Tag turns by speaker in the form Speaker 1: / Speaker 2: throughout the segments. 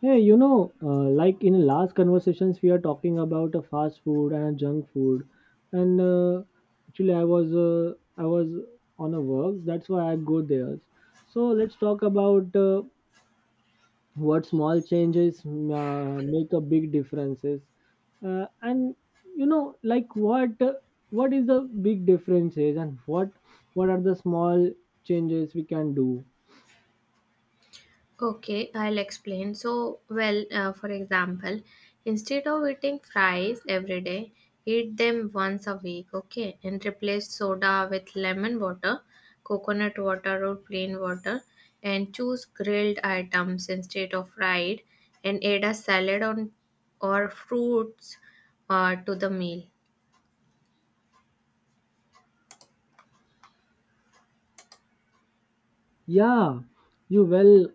Speaker 1: Hey, like in last conversations, we are talking about a fast food and a junk food, and actually, I was on a work, that's why I go there. So let's talk about what small changes make a big differences, and like what is the big differences, and what are the small changes we can do?
Speaker 2: Okay, I'll explain. For example, instead of eating fries every day, eat them once a week, okay, and replace soda with lemon water, coconut water, or plain water, and choose grilled items instead of fried, and add a salad on or fruits to the meal.
Speaker 1: Yeah, you well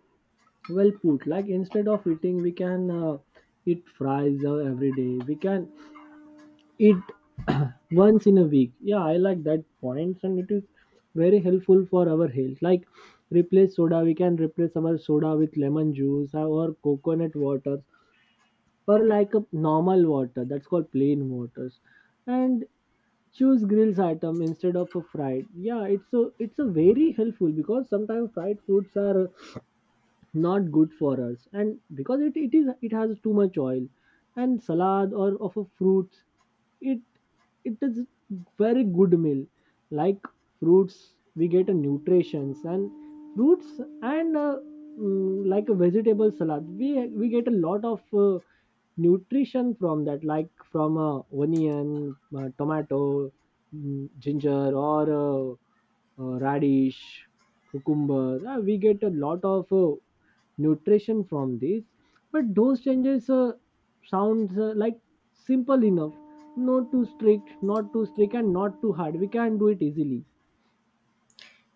Speaker 1: well put, like, instead of eating we can eat fries every day. We can eat once in a week. Yeah, I like that point, and it is very helpful for our health. Like, replace soda, we can replace our soda with lemon juice or coconut water, or like a normal water that's called plain waters. And choose grills item instead of a fried. Yeah, it's a very helpful because sometimes fried foods are not good for us, and because it is it has too much oil. And salad or of a fruits, it it is very good meal. Like, fruits we get a nutritions and fruits and like a vegetable salad, we get a lot of nutrition from that, like from onion, tomato, ginger, or radish, cucumber, we get a lot of nutrition from this. But those changes sounds like simple enough, not too strict, and not too hard. We can do it easily.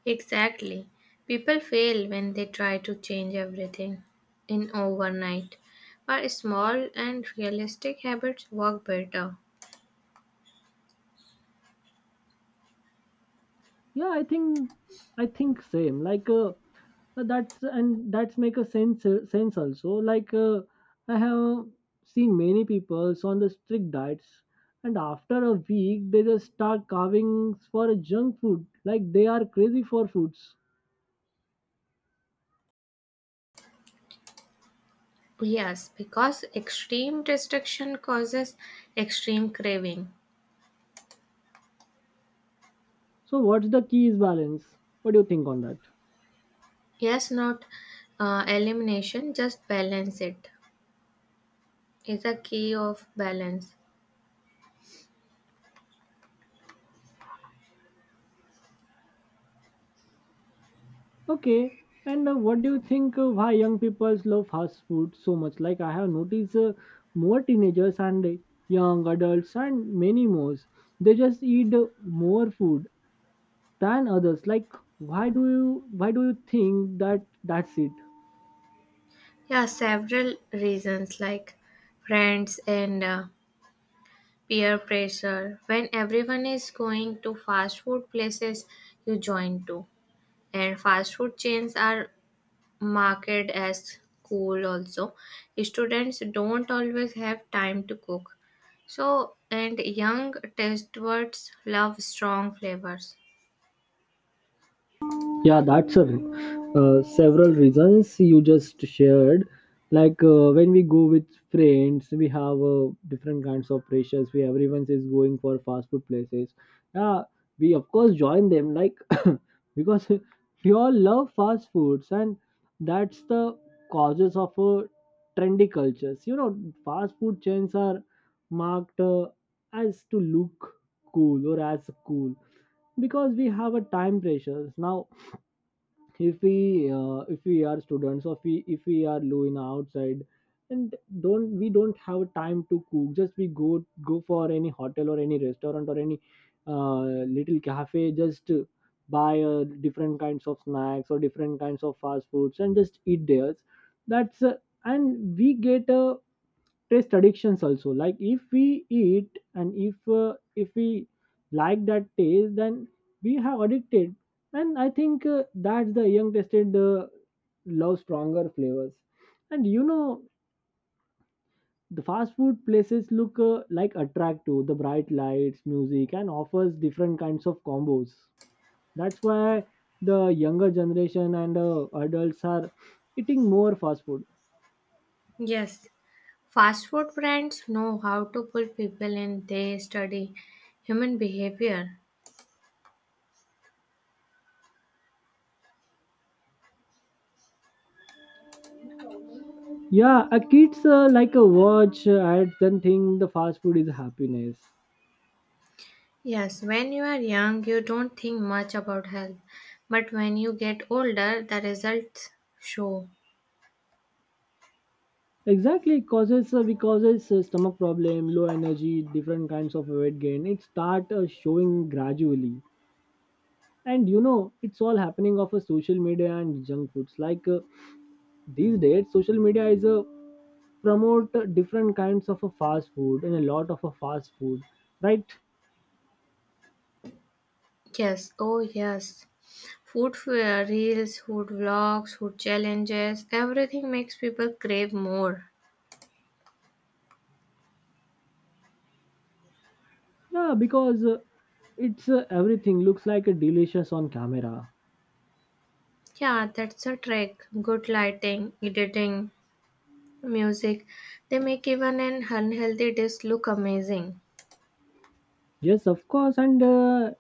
Speaker 2: Exactly. People fail when they try to change everything in overnight. But small and realistic habits work better.
Speaker 1: Yeah, I think same, like, that's make a sense sense also, like, I have seen many people on the strict diets, and after a week they just start carving for a junk food, like they are crazy for foods.
Speaker 2: Yes, because extreme restriction causes extreme craving.
Speaker 1: So what's the key is balance. What do you think on that?
Speaker 2: Yes, not elimination, just balance it is a key of balance.
Speaker 1: Okay, and what do you think why young people love fast food so much? Like, I have noticed more teenagers and young adults and many more. They just eat more food than others. Like, why do you think that that's it?
Speaker 2: Yeah, several reasons like friends and peer pressure. When everyone is going to fast food places, you join too. And fast food chains are marketed as cool also. Students don't always have time to cook. So, and young taste buds love strong flavors.
Speaker 1: Yeah, several reasons you just shared. Like, when we go with friends we have different kinds of pressures. We Everyone is going for fast food places. Yeah, we of course join them, like, because we all love fast foods. And that's the causes of trendy cultures, you know. Fast food chains are marked as to look cool, or as cool, because we have a time pressures now. If we if we are students, or if we are low in outside, and don't we don't have time to cook, just we go for any hotel or any restaurant or any little cafe. Just buy different kinds of snacks or different kinds of fast foods and just eat theirs. That's uh, and we get a taste addictions also. Like, if we eat, and if we like that taste, then we have addicted. And I think that's the young tested love stronger flavors. And you know the fast food places look like attract to the bright lights, music, and offers different kinds of combos. That's why the younger generation and adults are eating more fast food.
Speaker 2: Yes, fast food brands know how to pull people in. They study human behavior.
Speaker 1: Yeah, a kids, like a watch ads, then think the fast food is happiness.
Speaker 2: Yes, when you are young, you don't think much about health. But when you get older, the results show.
Speaker 1: Exactly, it causes, because it's a stomach problem, low energy, different kinds of weight gain. It start showing gradually, and you know it's all happening of a social media and junk foods. Like, these days, social media is a promote different kinds of a fast food and a lot of a fast food, right?
Speaker 2: Yes, oh yes. Food fair, reels, food vlogs, food challenges, everything makes people crave more.
Speaker 1: Yeah, because it's everything looks like a delicious on camera.
Speaker 2: Yeah, that's a trick. Good lighting, editing, music. They make even an unhealthy dish look amazing.
Speaker 1: Yes, of course, and uh,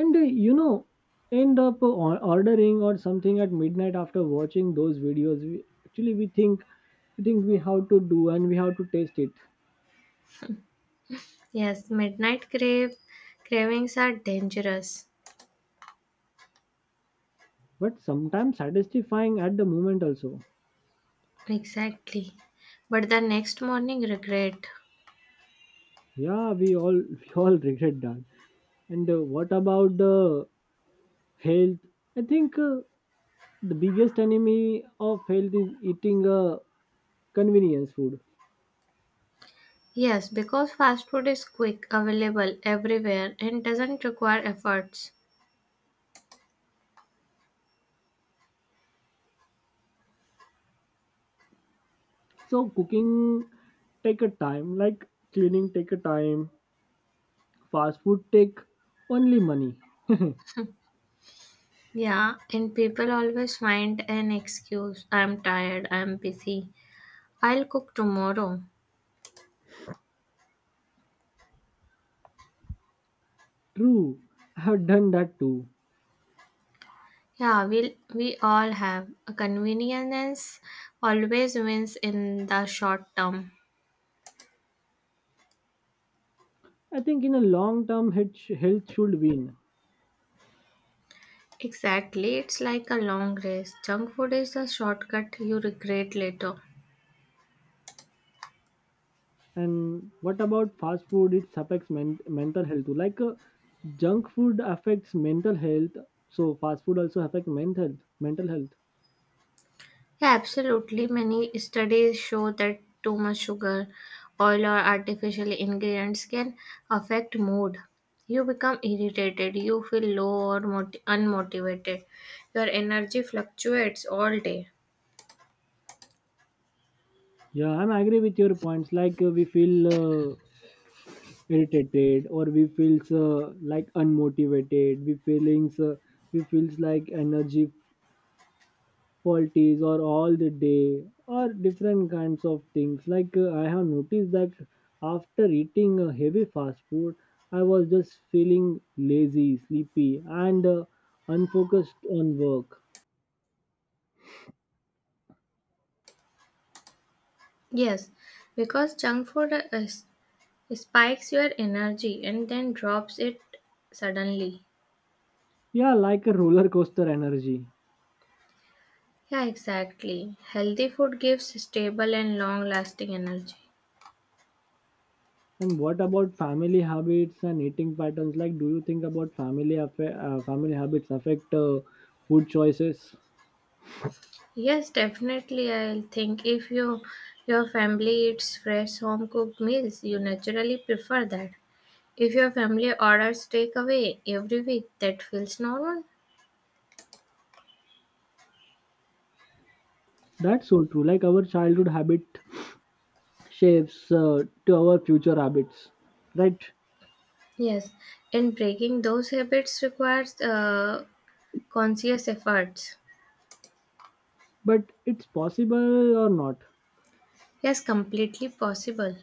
Speaker 1: and uh, you know, end up ordering or something at midnight after watching those videos. We think, we how to do, and we have to taste it.
Speaker 2: Yes, midnight crave cravings are dangerous.
Speaker 1: But sometimes satisfying at the moment also.
Speaker 2: Exactly. But the next morning, regret.
Speaker 1: Yeah, we all we all regret that. And what about the health? I think the biggest enemy of health is eating convenience food.
Speaker 2: Yes, because fast food is quick, available everywhere, and doesn't require efforts.
Speaker 1: So cooking take a time, like, cleaning take a time. Fast food take only money.
Speaker 2: Yeah, and people always find an excuse. I'm tired, I'm busy. I'll cook tomorrow.
Speaker 1: True, I have done that too.
Speaker 2: We all have. Convenience always wins in the short term.
Speaker 1: I think in a long term, health health should win.
Speaker 2: Exactly, it's like a long race. Junk food is a shortcut you regret later.
Speaker 1: And what about fast food? It affects mental health too. Like, junk food affects mental health, so fast food also affects mental health. Mental health.
Speaker 2: Yeah, absolutely. Many studies show that too much sugar, oil, or artificial ingredients can affect mood. You become irritated, you feel low or unmotivated, your energy fluctuates all day.
Speaker 1: Yeah, I'm agree with your points. Like, we feel irritated, or we feels like unmotivated. We feelings, we feels like energy politics or all the day or different kinds of things. Like, I have noticed that after eating a heavy fast food, I was just feeling lazy, sleepy, and unfocused on work.
Speaker 2: Yes, because junk food spikes your energy and then drops it suddenly.
Speaker 1: Yeah, like a roller coaster energy.
Speaker 2: Yeah, exactly. Healthy food gives stable and long lasting energy.
Speaker 1: And what about family habits and eating patterns? Like, do you think about family habits affect food choices?
Speaker 2: Yes, definitely. I think if you your family eats fresh home cooked meals, you naturally prefer that. If your family orders takeaway every week, that feels normal.
Speaker 1: That's so true. Like, our childhood habit shapes to our future habits, right?
Speaker 2: Yes, and breaking those habits requires conscious efforts.
Speaker 1: But it's possible or not?
Speaker 2: Yes, completely possible.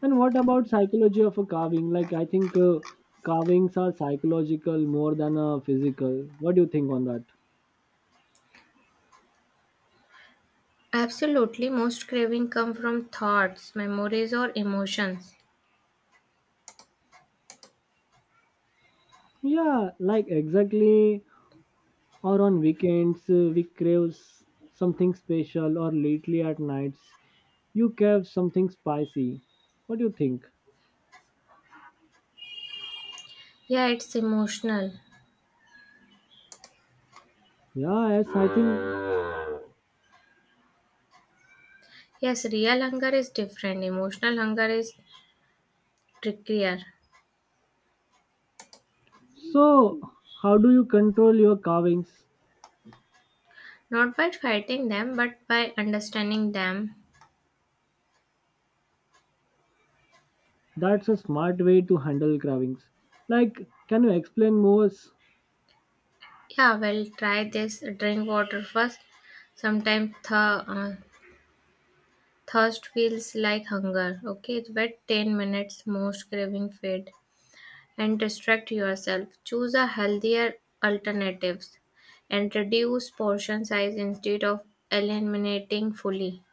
Speaker 1: And what about psychology of a carving? Like, I think carvings are psychological more than a physical. What do you think on that?
Speaker 2: Absolutely, most craving come from thoughts, memories, or emotions.
Speaker 1: Yeah, like, exactly. Or on weekends we crave something special, or lately at nights you crave something spicy. What do you think?
Speaker 2: Yeah, it's emotional.
Speaker 1: Yeah, yes, I think.
Speaker 2: Yes, real hunger is different. Emotional hunger is trickier.
Speaker 1: So how do you control your carvings?
Speaker 2: Not by fighting them, but by understanding them.
Speaker 1: That's a smart way to handle carvings. Like, can you explain more?
Speaker 2: Yeah, well, try this. Drink water first. Sometimes thirst feels like hunger. Okay, wait 10 minutes, most craving fade. And distract yourself. Choose a healthier alternatives and reduce portion size instead of eliminating fully.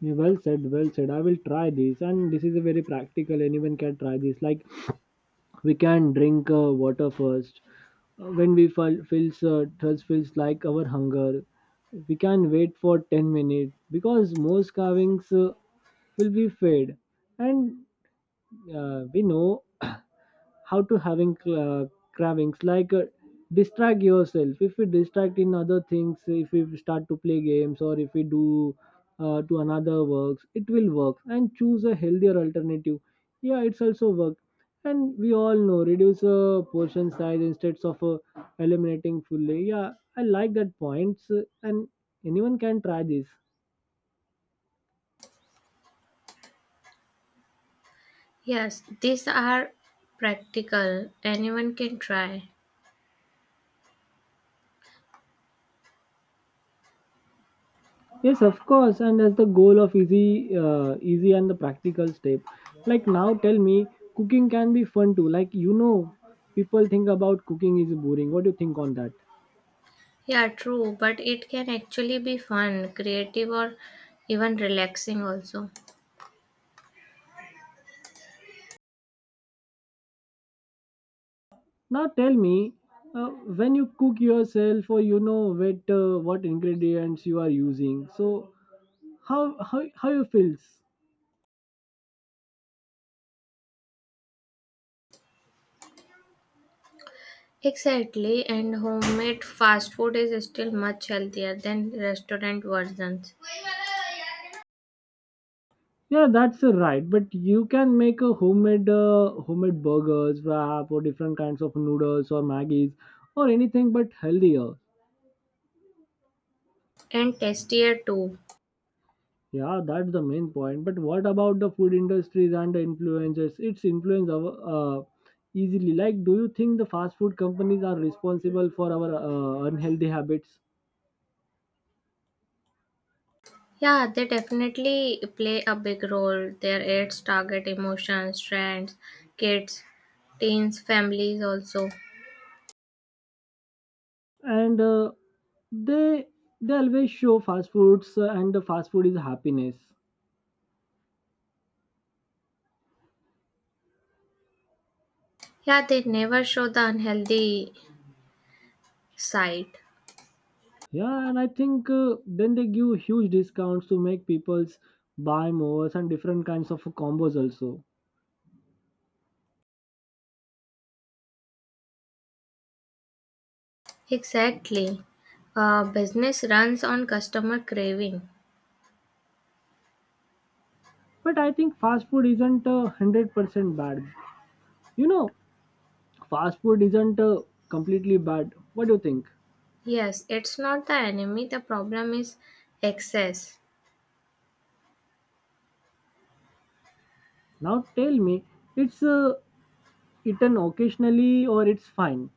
Speaker 1: Yeah, well said, well said. I will try this, and this is a very practical. Anyone can try this. Like, we can drink water first. When we feels thirst feels like our hunger. We can wait for 10 minutes because most carvings will be fade, and we know how to having cravings, like, distract yourself. If we distract in other things, if we start to play games, or if we do to another works, it will work. And choose a healthier alternative. Yeah, it's also work. And we all know, reduce a portion size instead of eliminating fully. Yeah, I like that points, and anyone can try this.
Speaker 2: Yes, these are practical. Anyone can try.
Speaker 1: Yes, of course, and as the goal of easy, easy and the practical step. Like, now, tell me, cooking can be fun too. Like, you know, people think about cooking is boring. What do you think on that?
Speaker 2: Yeah, true, but it can actually be fun, creative, or even relaxing also.
Speaker 1: Now tell me, uh, when you cook yourself, or you know, what ingredients you are using. So how how you feels?
Speaker 2: Exactly, and homemade fast food is still much healthier than restaurant versions,
Speaker 1: Yeah, that's right. But you can make a homemade burgers, wrap, or different kinds of noodles or maggies or anything, but healthier.
Speaker 2: and tastier too.
Speaker 1: Yeah, that's the main point. But what about the food industries and the influencers? Its influence our, easily. Like, do you think the fast food companies are responsible for our unhealthy habits?
Speaker 2: Yeah, they definitely play a big role. Their ads target emotions, trends, kids, teens, families also.
Speaker 1: And they they always show fast foods, and the fast food is happiness.
Speaker 2: Yeah, they never show the unhealthy side.
Speaker 1: Yeah, and I think then they give huge discounts to make people's buy more, and different kinds of combos also.
Speaker 2: Exactly. Business runs on customer craving.
Speaker 1: But I think fast food isn't 100% bad. You know, fast food isn't completely bad. What do you think?
Speaker 2: Yes, it's not the enemy, the problem is excess.
Speaker 1: Now tell me, it's eaten occasionally or it's fine?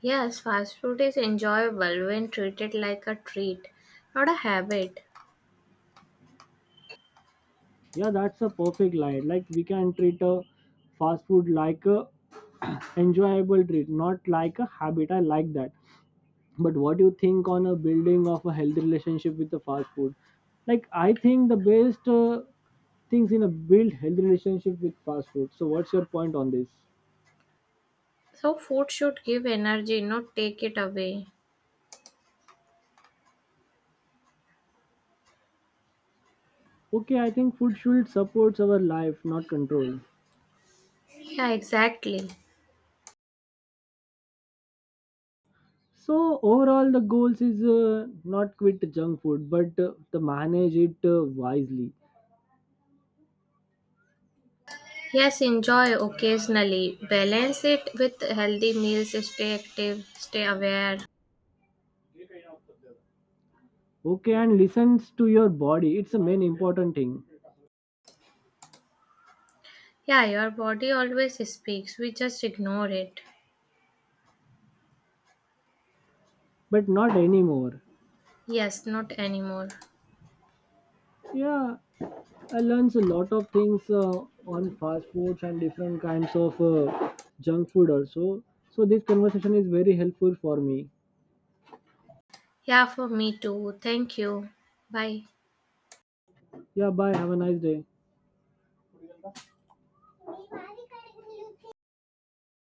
Speaker 2: Yes, fast food is enjoyable when treated like a treat, not a habit.
Speaker 1: Yeah, that's a perfect line. Like, we can treat a fast food like a enjoyable treat, not like a habit. I like that. But what do you think on a building of a healthy relationship with the fast food? Like, I think the best things in a build healthy relationship with fast food. So what's your point on this?
Speaker 2: So, food should give energy, not take it away.
Speaker 1: Okay, I think food should support our life, not control.
Speaker 2: Yeah, exactly.
Speaker 1: So overall, the goals is not quit junk food, but to manage it wisely.
Speaker 2: Yes, enjoy occasionally. Balance it with healthy meals, stay active, stay aware.
Speaker 1: Okay, and listens to your body. It's the main important thing,
Speaker 2: Yeah, your body always speaks, we just ignore it.
Speaker 1: but not anymore.
Speaker 2: Yes, not anymore.
Speaker 1: Yeah, I learns a lot of things on fast foods and different kinds of junk food also. So this conversation is very helpful for me.
Speaker 2: Yeah, for me too. Thank you. Bye.
Speaker 1: Yeah, bye. Have a nice day.